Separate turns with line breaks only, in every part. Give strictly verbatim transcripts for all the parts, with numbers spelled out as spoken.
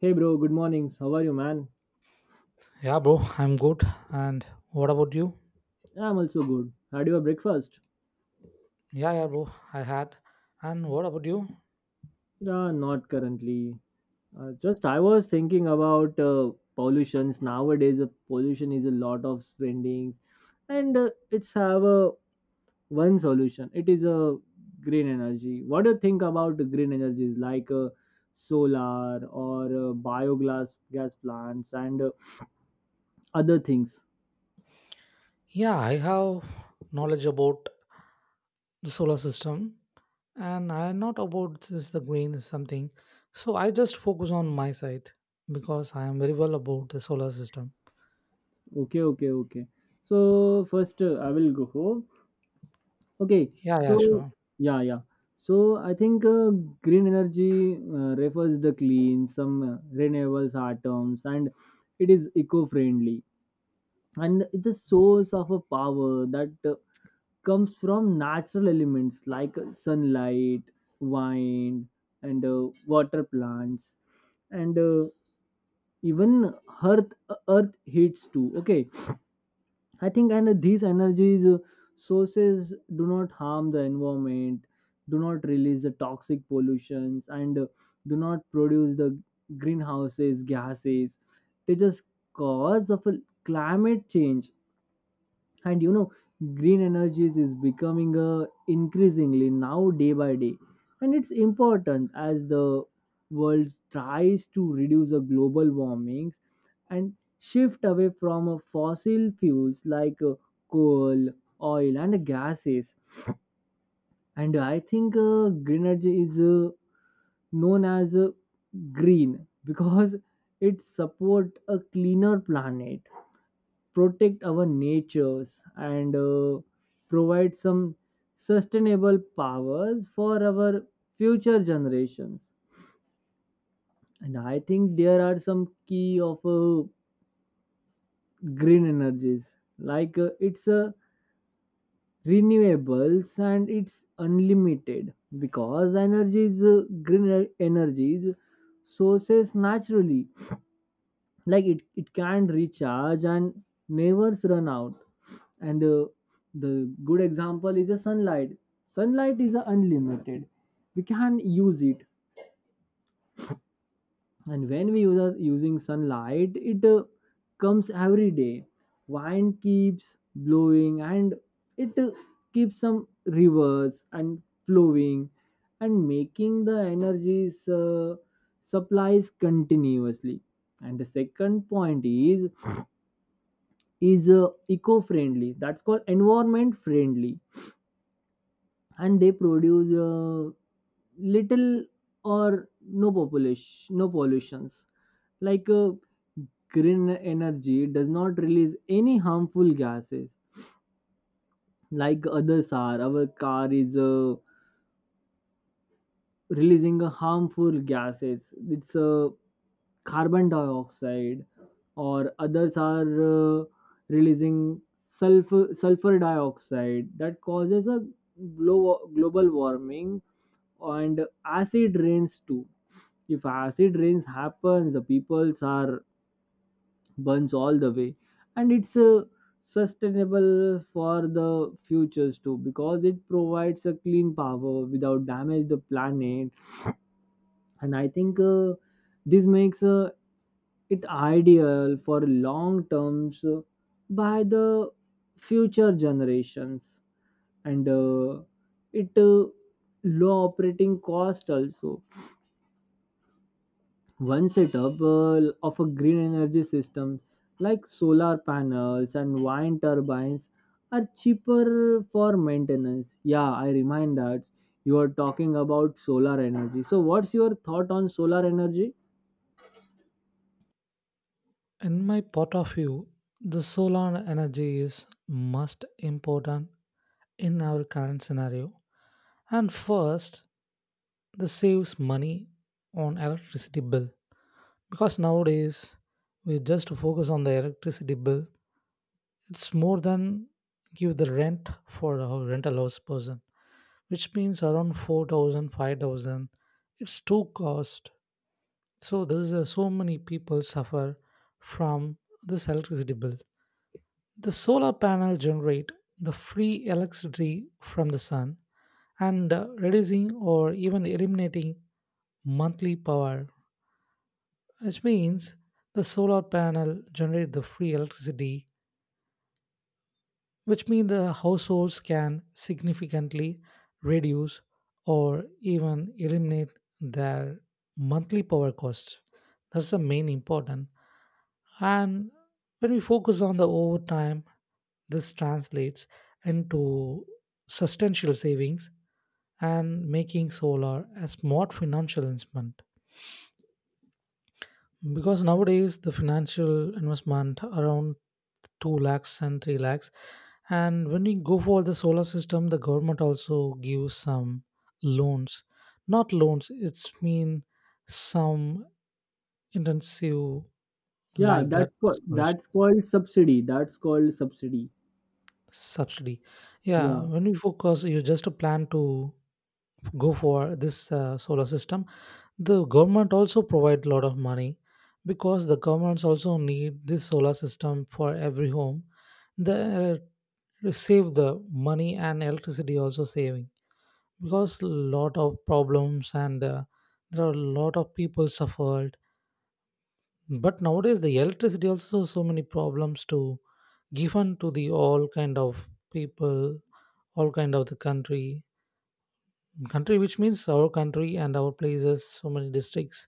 Hey bro, good morning. How are you, man?
Yeah, bro, I'm good. And what about you?
I'm also good. Had your breakfast?
Yeah, yeah, bro, I had. And what about you?
Yeah, not currently. Uh, just I was thinking about uh, pollutions nowadays. The pollution is a lot of spending, and uh, it's have a one solution. It is a green energy. What do you think about the green energies like uh, solar or uh, biogas gas plants and uh, other things?
Yeah, I have knowledge about the solar system, and I not about this the green is something. So I just focus on my side because I am very well about the solar system.
Okay, okay, okay. So first uh, I will go. Okay.
Yeah, yeah,
So
sure.
yeah, yeah. So I think uh, green energy uh, refers the clean, some uh, renewables are terms, and it is eco-friendly, and it's a source of a power that uh, comes from natural elements like uh, sunlight, wind, and uh, water plants, and uh, even earth uh, earth heats too. Okay, I think, and these energies uh, sources do not harm the environment, do not release the toxic pollutions, and uh, do not produce the greenhouses gases. They just cause of a climate change, and you know green energies is becoming uh, increasingly now day by day, and it's important as the world tries to reduce the global warming and shift away from uh, fossil fuels like uh, coal, oil, and gases. And I think uh, green energy is uh, known as uh, green because it supports a cleaner planet, protect our natures, and uh, provide some sustainable powers for our future generations. And I think there are some key of uh, green energies like uh, it's a renewables and it's unlimited because energy is uh, green e-, energy is sources naturally like it, it can recharge and never run out and uh, the good example is the sunlight. Sunlight is uh, unlimited. We can use it, and when we use us using sunlight it uh, comes every day. Wind keeps blowing and it uh, keeps some rivers and flowing and making the energies uh, supplies continuously. And the second point is is uh, eco friendly, that's called environment friendly, and they produce uh, little or no population no pollutions like uh, green energy does not release any harmful gases like others are, our car is uh, releasing a harmful gases. It's uh, carbon dioxide or others are uh, releasing sulfur sulfur dioxide that causes a glo- global warming and acid rains too. If acid rains happens, the peoples are burns all the way, and it's uh, sustainable for the futures too because it provides a clean power without damage the planet. And I think uh, this makes uh, it ideal for long terms uh, by the future generations, and uh, it uh, low operating cost also. One setup uh, of a green energy system like solar panels and wind turbines are cheaper for maintenance. Yeah, I remind that you are talking about solar energy. So, what's your thought on solar energy?
In my point of view, the solar energy is most important in our current scenario. And first, this saves money on electricity bill because nowadays we just focus on the electricity bill. It's more than give the rent for a rental house person, which means around four thousand, five thousand. It's too cost, so there is a, so many people suffer from this electricity bill. The solar panel generate the free electricity from the sun and uh, reducing or even eliminating monthly power, which means the solar panel generate the free electricity, which means the households can significantly reduce or even eliminate their monthly power costs. That's the main important. And when we focus on the overtime, this translates into substantial savings and making solar a smart financial instrument, because nowadays the financial investment around two lakhs and three lakhs. And when we go for the solar system, the government also gives some loans, not loans, it's mean some intensive
Yeah,
like that
that's called,
scholarship.
that's called subsidy. That's called subsidy.
Subsidy. Yeah,
Yeah,
when you focus, you just plan to go for this uh, solar system. The government also provide a lot of money because the governments also need this solar system for every home. They uh, save the money and electricity also saving, because lot of problems, and uh, there are a lot of people suffered. But nowadays the electricity also so many problems to given to the all kind of people, all kind of the country country which means our country, and our places so many districts.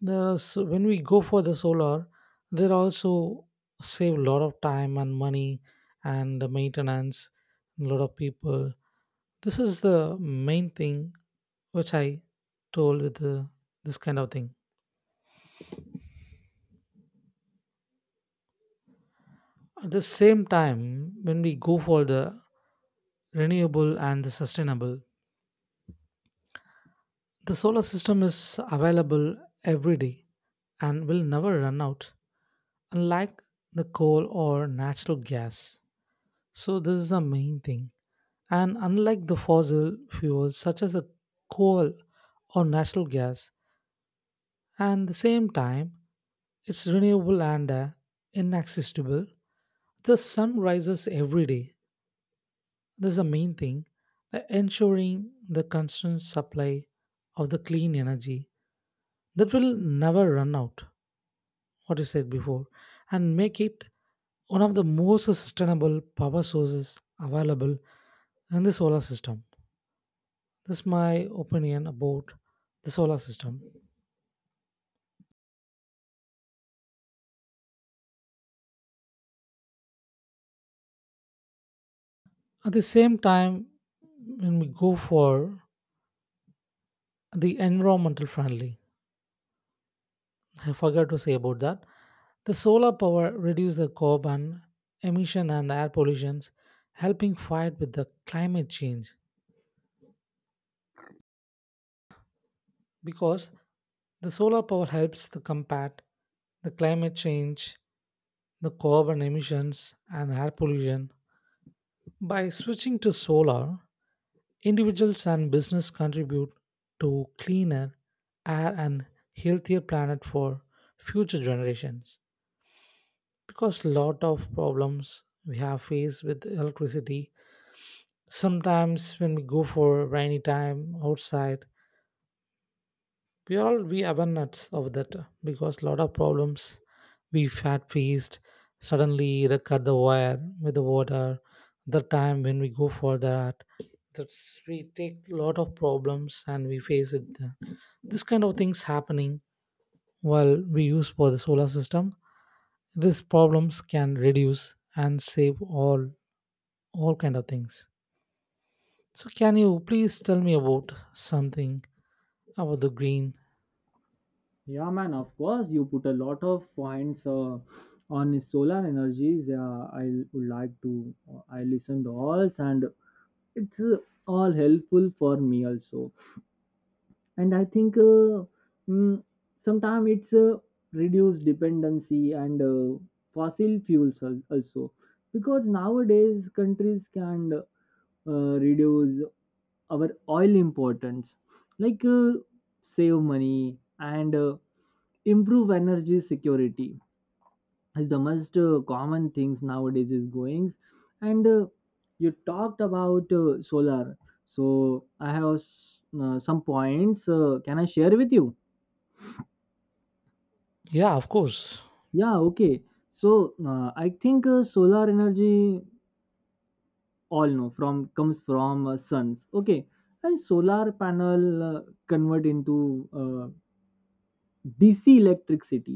There are so, when we go for the solar, there also save a lot of time and money and the maintenance, a lot of people. This is the main thing which I told with the, this kind of thing. At the same time, when we go for the renewable and the sustainable, the solar system is available every day and will never run out, unlike the coal or natural gas. So, this is the main thing. And unlike the fossil fuels such as the coal or natural gas, and the same time, it's renewable and uh, inaccessible. The sun rises every day. This is the main thing, uh, ensuring the constant supply of the clean energy that will never run out, what you said before, and make it one of the most sustainable power sources available in the solar system. This is my opinion about the solar system. At the same time, when we go for the environmental friendly, I forgot to say about that. The solar power reduces the carbon emission and air pollutions, helping fight with the climate change. Because the solar power helps to combat the climate change, the carbon emissions, and air pollution. By switching to solar, individuals and business contribute to cleaner air and healthier planet for future generations. Because lot of problems we have faced with electricity, sometimes when we go for rainy time outside, we all we awareness of that uh, because lot of problems we've had faced. Suddenly they cut the wire with the water, the time when we go for that, that's we take lot of problems and we face it. Uh, this kind of things happening while we use for the solar system. These problems can reduce and save all all kind of things. So can you please tell me about something about the green?
yeah, man. Of course, you put a lot of points uh, on solar energies. Yeah, I would like to. uh, I listen to all and it's uh, all helpful for me also, and I think uh, mm, sometimes it's uh, reduce dependency and uh, fossil fuels al- also because nowadays countries can uh, reduce our oil importance like uh, save money and uh, improve energy security is the most uh, common things nowadays is goings. And uh, you talked about uh, solar, so I have s- uh, some points. Uh, can I share with you?
Yeah, of course.
Yeah, okay. So uh, I think uh, solar energy all know from comes from uh, suns. Okay, and solar panel uh, convert into uh, DC electricity,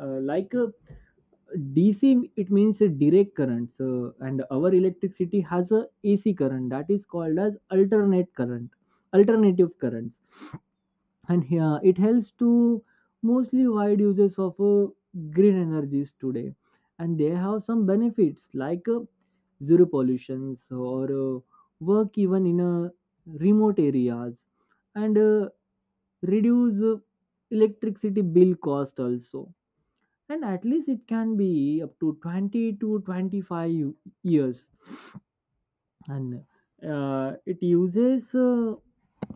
uh, like uh, D C it means a direct current. So, and our electricity has a AC current that is called as alternate current alternative currents, and here it helps to mostly wide users of uh, green energies today. And they have some benefits like uh, zero pollutions or uh, work even in uh, remote areas and uh, reduce uh, electricity bill cost also, and at least it can be up to twenty to twenty-five years. And uh, it uses uh,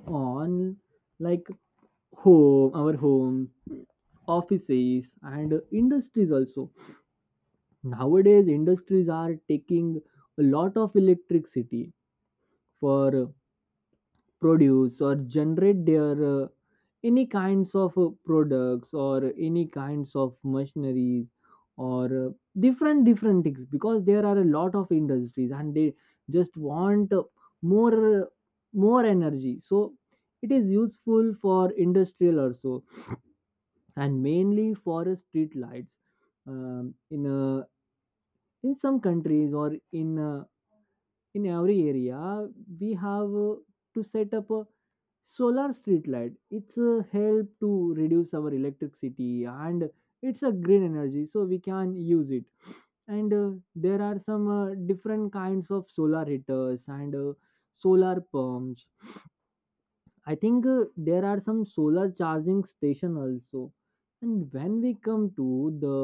on like home, our home, offices and industries also. Nowadays industries are taking a lot of electricity for produce or generate their uh, any kinds of uh, products or any kinds of machineries or uh, different different things because there are a lot of industries and they just want uh, more uh, more energy. So it is useful for industrial also, and mainly for uh, street lights. Um, in uh, in some countries or in uh, in every area we have uh, to set up a solar street light. It's a help to reduce our electricity, and it's a green energy so we can use it. And uh, there are some uh, different kinds of solar heaters and uh, solar pumps. I think uh, there are some solar charging station also. And when we come to the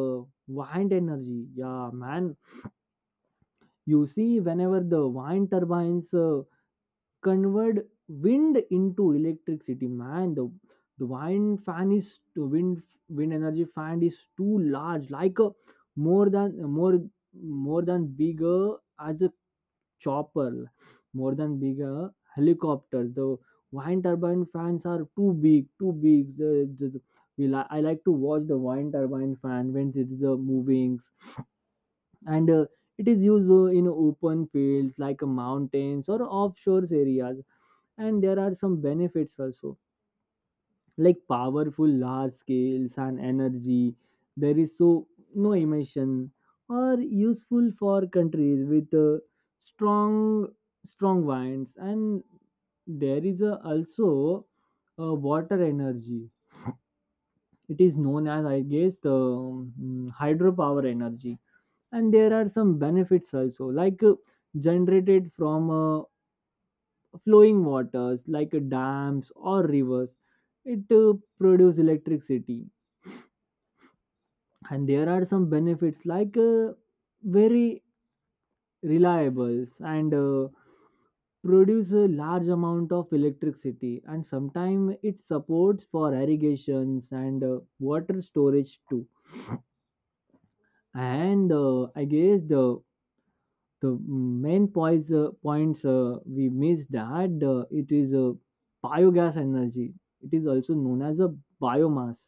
wind energy, yeah man, you see whenever the wind turbines uh, convert wind into electricity, man, the the wind fan is the wind wind energy fan is too large, like a more than more more than bigger as a chopper, more than bigger helicopter. The wind turbine fans are too big, too big. the, the, the- we li- I like to watch the wind turbine fan when it is uh, moving. And uh, it is used uh, in open fields like uh, mountains or offshore areas, and there are some benefits also like powerful large scales and energy. There is so no emission or useful for countries with uh, strong strong winds. And there is a, also a water energy. It is known as, I guess, the um, hydropower energy, and there are some benefits also like uh, generated from uh, flowing waters like dams or rivers. It uh, produce electricity, and there are some benefits like uh, very reliable and uh, produce a large amount of electricity, and sometimes it supports for irrigations and uh, water storage too. And uh, I guess the the main points uh, points uh, we missed, that uh, it is uh, biogas energy. It is also known as a biomass.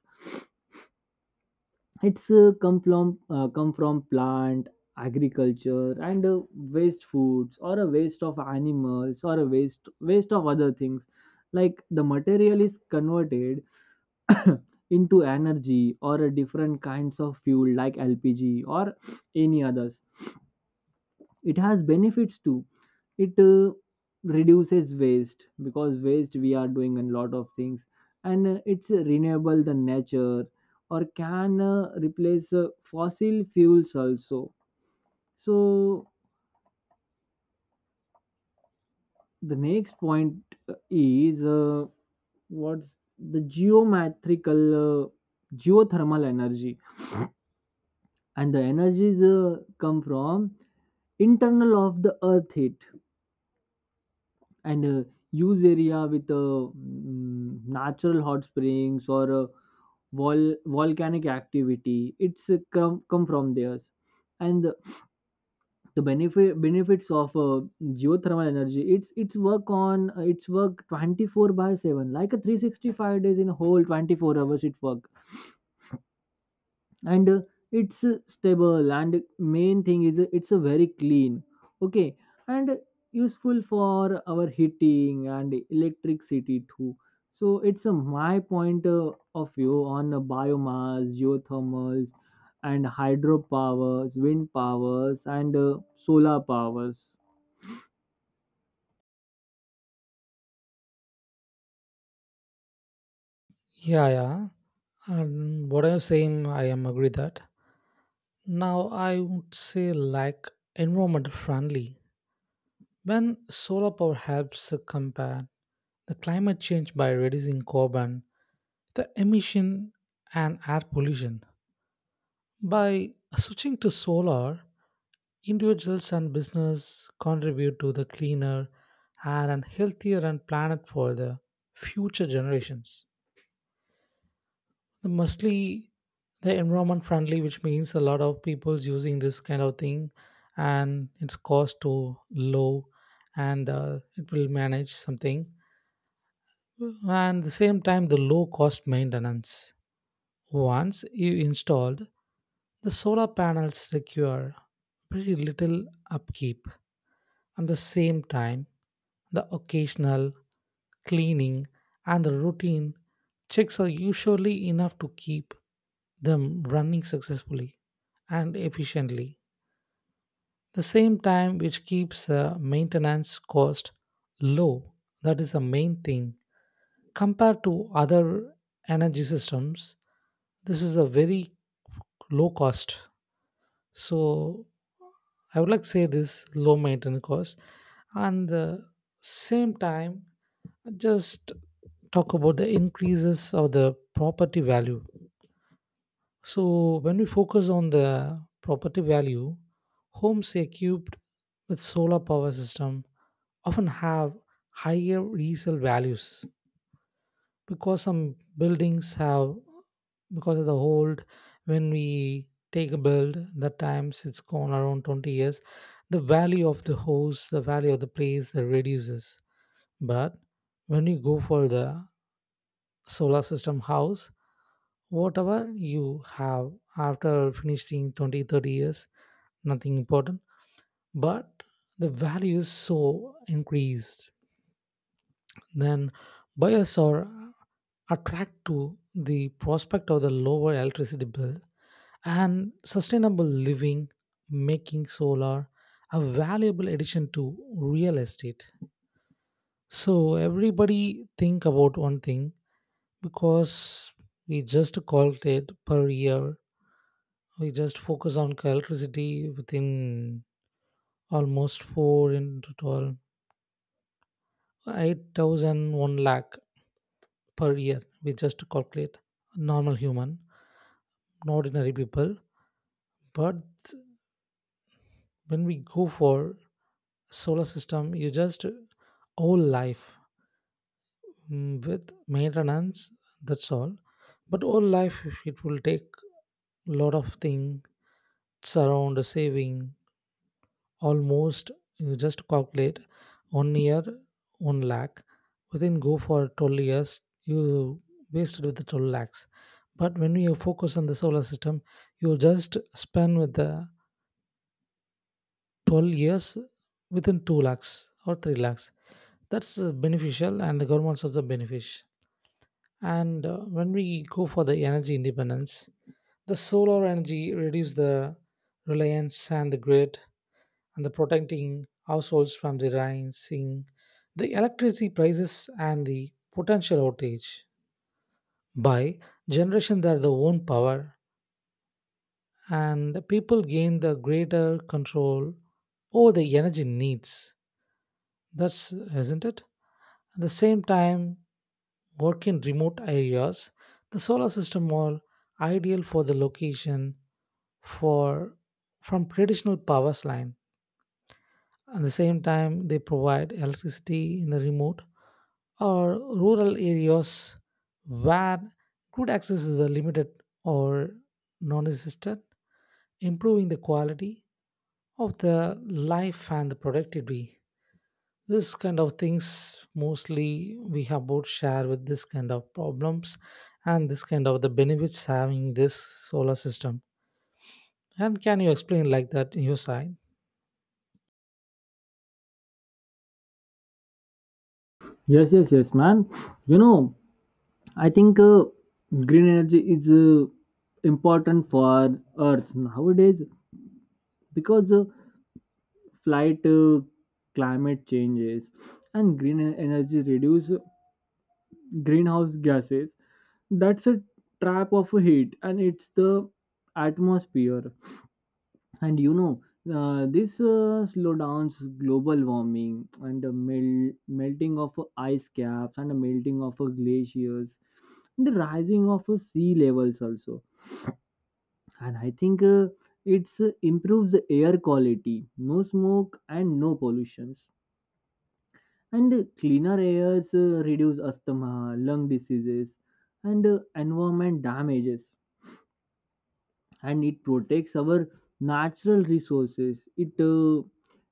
It's uh, come from uh, come from plant, agriculture, and uh, waste foods or a waste of animals or a waste waste of other things, like the material is converted into energy or a different kinds of fuel like L P G or any others. It has benefits too. It uh, reduces waste because waste we are doing a lot of things, and uh, it's renewable the nature or can uh, replace uh, fossil fuels also. So the next point uh, is uh, what's the geometrical uh, geothermal energy, and the energies uh, come from internal of the earth heat, and uh, use area with uh, mm, natural hot springs or uh, vol- volcanic activity. It's uh, come, come from there. And the, the benefit benefits of uh, geothermal energy, it's it's work on uh, it's work twenty-four by seven like a three sixty-five days in a whole twenty-four hours it work. And uh, it's uh, stable, and main thing is uh, it's a very clean. Okay. And uh, useful for our heating and electricity too. So it's uh, my point uh, of view on uh, biomass geothermals and hydropowers, wind powers, and uh, solar powers.
Yeah, yeah. And what I'm saying, I am agree that. Now I would say like environment friendly. When solar power helps combat the climate change by reducing carbon, the emission and air pollution. By switching to solar, individuals and business contribute to the cleaner air and healthier and planet for the future generations. The mostly the environment friendly, which means a lot of people's using this kind of thing, and its cost to low, and uh, it will manage something. And the same time, the low cost maintenance. Once you installed, the solar panels require pretty little upkeep. At the same time, the occasional cleaning and the routine checks are usually enough to keep them running successfully and efficiently. The same time, which keeps the maintenance cost low, that is the main thing. Compared to other energy systems, this is a very low cost. So I would like to say this low maintenance cost and the same time just talk about the increases of the property value. So when we focus on the property value, homes equipped with solar power system often have higher resale values, because some buildings have because of the old. When we take a build, that times it's gone around twenty years, the value of the house, the value of the place that reduces. But when you go for the solar system house, whatever you have, after finishing twenty thirty years nothing important, but the value is so increased. Then buyers are attract to the prospect of the lower electricity bill and sustainable living, making solar a valuable addition to real estate. So everybody think about one thing, because we just calculate per year. We just focus on electricity within almost four into twelve, eight thousand one lakh per year. We just calculate normal human, not ordinary people, but when we go for solar system, you just whole life, mm, with maintenance, that's all. But whole life, it will take lot of things, around saving almost. You just calculate one year one lakh, within go for twelve years, you wasted with the twelve lakhs. But when you focus on the solar system, you just spend with the twelve years within two lakhs or three lakhs. That's uh, beneficial, and the government also benefits. And uh, when we go for the energy independence, the solar energy reduce the reliance and the grid and the protecting households from the rising the electricity prices and the potential outage, by generation their the own power, and people gain the greater control over the energy needs. That's, isn't it? At the same time, work in remote areas, the solar system are ideal for the location, for from traditional power line. At the same time, they provide electricity in the remote or rural areas where good access is limited or non-existent, improving the quality of the life and the productivity. This kind of things mostly we have both share with this kind of problems, and this kind of the benefits having this solar system. And can you explain like that in your side?
Yes, yes, yes, man. You know, I think uh, green energy is uh, important for earth nowadays because uh, flight uh, climate changes, and green e- energy reduce greenhouse gases. That's a trap of heat, and it's the atmosphere. And you know, uh, this uh, slowdowns global warming and the mel- melting of ice caps and the melting of uh, glaciers and the rising of uh, sea levels also. And I think uh, it improves the air quality, no smoke and no pollution. And uh, cleaner airs uh, reduce asthma lung diseases and uh, environment damages. And it protects our natural resources. It uh,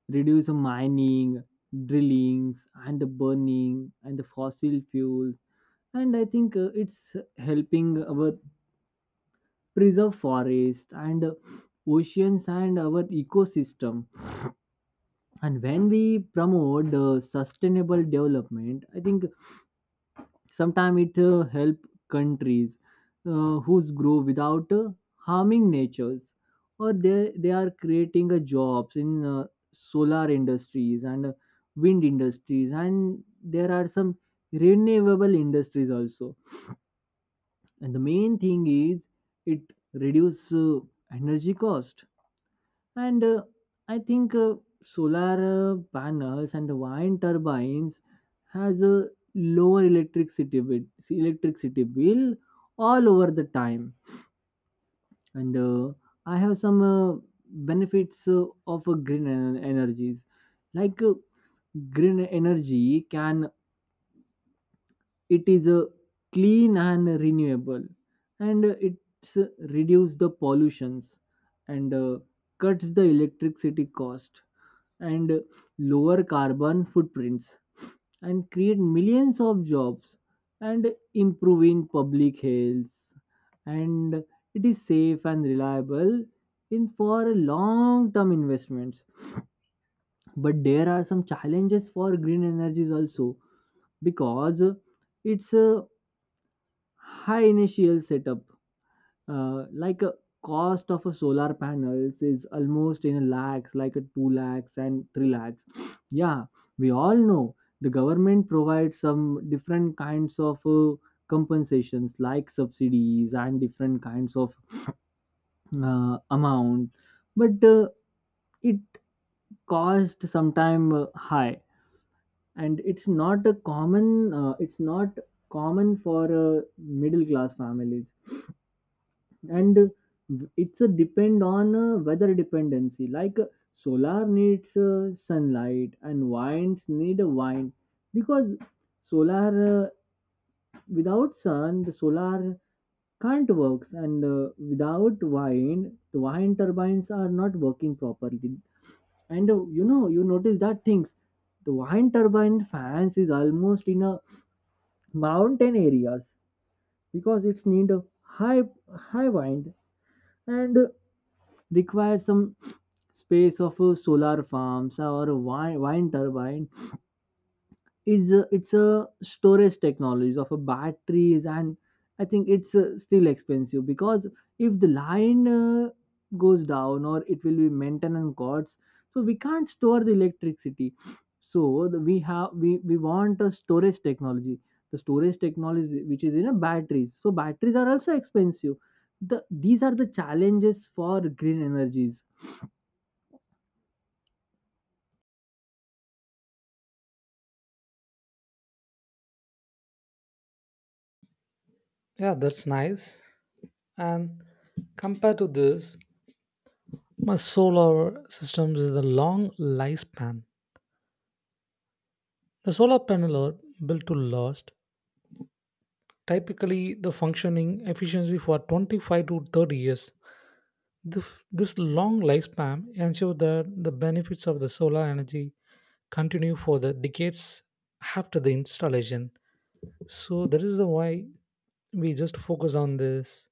reduce mining, drillings, and the burning and the fossil fuels. And I think uh, it's helping our preserve forest and uh, oceans and our ecosystem. And when we promote uh, sustainable development, I think sometimes it uh, help countries uh, whose grow without uh, harming natures, or they they are creating uh, jobs in uh, solar industries and uh, wind industries, and there are some renewable industries also. And the main thing is it reduce uh, energy cost. And uh, I think uh, solar uh, panels and wind turbines has a lower electricity bill, electricity bill all over the time. And uh, I have some uh, benefits uh, of uh, green en- energies. Like uh, green energy can it is uh, clean and renewable, and uh, it's uh, reduce the pollutions, and uh, cuts the electricity cost, and lower carbon footprints, and create millions of jobs, and improving public health, and it is safe and reliable in for long term investments. But there are some challenges for green energies also because it's a high initial setup, uh, like a cost of a solar panels is almost in lakhs, like a two lakhs and three lakhs. Yeah, we all know the government provides some different kinds of uh, compensations like subsidies and different kinds of uh, amount. But uh, it cost sometime uh, high, and it's not a common uh, it's not common for uh, middle class families. And uh, it's a depend on uh, weather dependency, like uh, solar needs uh, sunlight and winds need a wind because solar uh, without sun the solar can't work. And uh, without wind the wind turbines are not working properly. And uh, you know, you notice that things, the wind turbine fans is almost in a mountain areas because it's need a high high wind. And requires some space of uh, solar farms or wine, wine turbine. It's a, it's a storage technology of a batteries, and I think it's uh, still expensive because if the line uh, goes down, or it will be maintenance costs, so we can't store the electricity. So the, we have we we want a storage technology. The storage technology which is in a batteries. So batteries are also expensive. The these are the challenges for green energies.
Yeah, that's nice. And compared to this, my solar systems is the long lifespan. The solar panel are built to last, typically the functioning efficiency for twenty-five to thirty years. The, this long lifespan ensure that the benefits of the solar energy continue for the decades after the installation. So that is the why we just focus on this,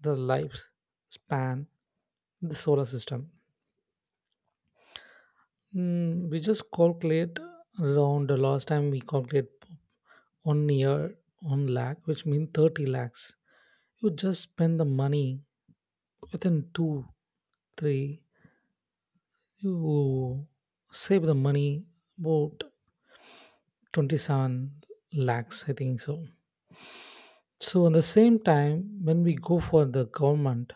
the lifespan the solar system. Mm, we just calculate around the last time. We calculate one year one lakh, which means thirty lakhs. You just spend the money within two, three. You save the money about twenty-seven lakhs, I think so. So, at the same time, when we go for the government,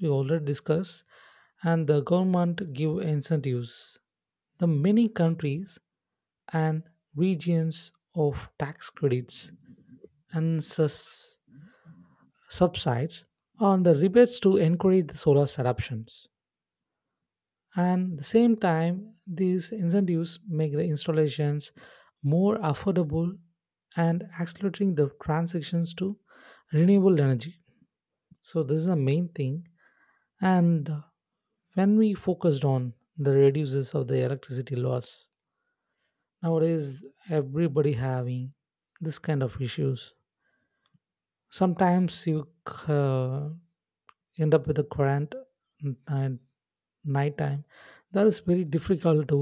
we already discussed, and the government give incentives. The many countries and regions of tax credits and sus- subsides on the rebates to encourage the solar adoptions. And the same time, these incentives make the installations more affordable and accelerating the transitions to renewable energy. So this is the main thing. And uh, when we focused on the reduces of the electricity loss, nowadays everybody having this kind of issues. Sometimes you c- uh, end up with a current at night time, that is very difficult to.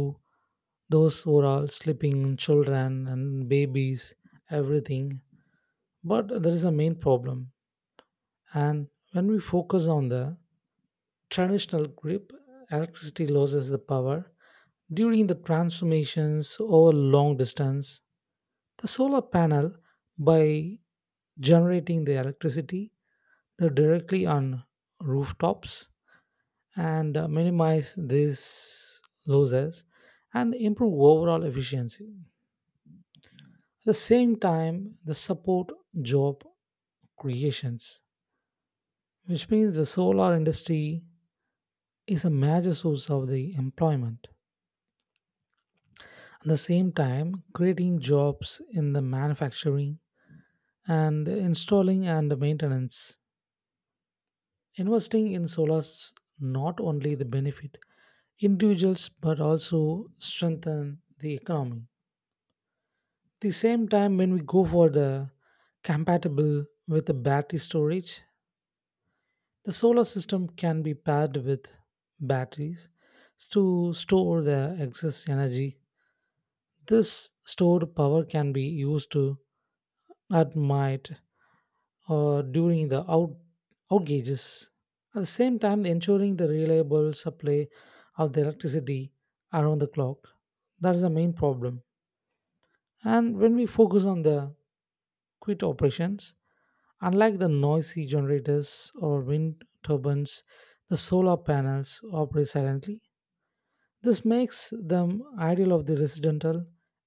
Those were all sleeping, children and babies, everything. But there is a main problem. And when we focus on the traditional grip, electricity loses the power during the transformations over long distance. The solar panel, by generating the electricity, they directly on rooftops and uh, minimize these losses and improve overall efficiency. At the same time, the support job creations, which means the solar industry is a major source of the employment. At the same time, creating jobs in the manufacturing and installing and maintenance. Investing in solars not only the benefit individuals but also strengthen the economy. At the same time, when we go for the compatible with the battery storage, the solar system can be paired with batteries to store the excess energy. This stored power can be used to at night or during the out outages. At the same time, ensuring the reliable supply of the electricity around the clock. That is the main problem. And when we focus on the quit operations. Unlike the noisy generators or wind turbines, the solar panels operate silently. This makes them ideal of the residential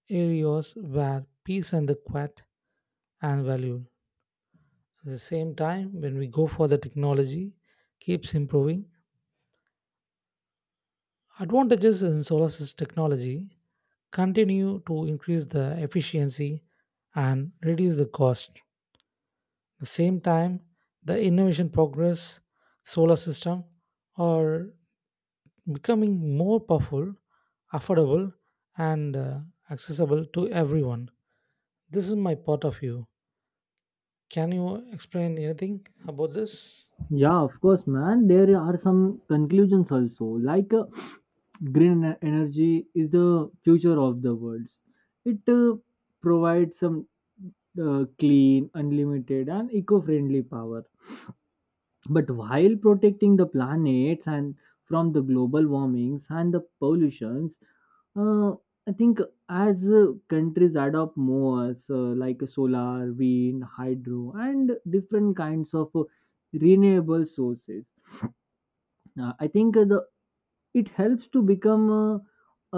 areas where peace and the quiet are valued. At the same time, when we go for the technology, keeps improving. Advantages in solar sys- technology continue to increase the efficiency and reduce the cost. The same time, the innovation progress, solar system are becoming more powerful, affordable, and uh, accessible to everyone. This is my part of view. Can you explain anything about this?
Yeah, of course, man. There are some conclusions also. Like uh, green ener- energy is the future of the world. It uh, provides some uh, clean, unlimited, and eco-friendly power. But while protecting the planets and from the global warmings and the pollutions, uh, I think as uh, countries adopt more, so like solar, wind, hydro, and different kinds of uh, renewable sources, uh, I think uh, the it helps to become uh,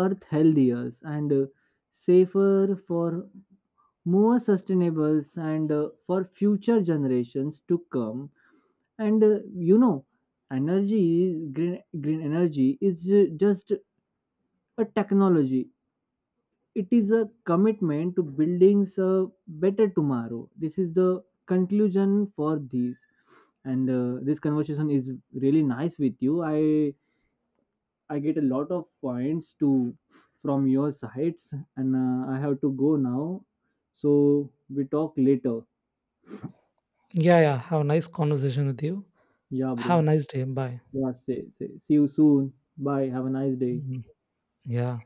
earth healthier and uh, safer for more sustainable and uh, for future generations to come. And uh, you know, energy is- green green energy is ju- just a technology. It is a commitment to building a better tomorrow. This is the conclusion for these. And uh, this conversation is really nice with you. i I get a lot of points to from your sides, and uh, I have to go now. So we talk later.
Yeah, yeah. Have a nice conversation with you.
Yeah,
Have a
bro.
nice day. Bye.
Yeah, say, say, see you soon. Bye. Have a nice day.
Mhm. Yeah.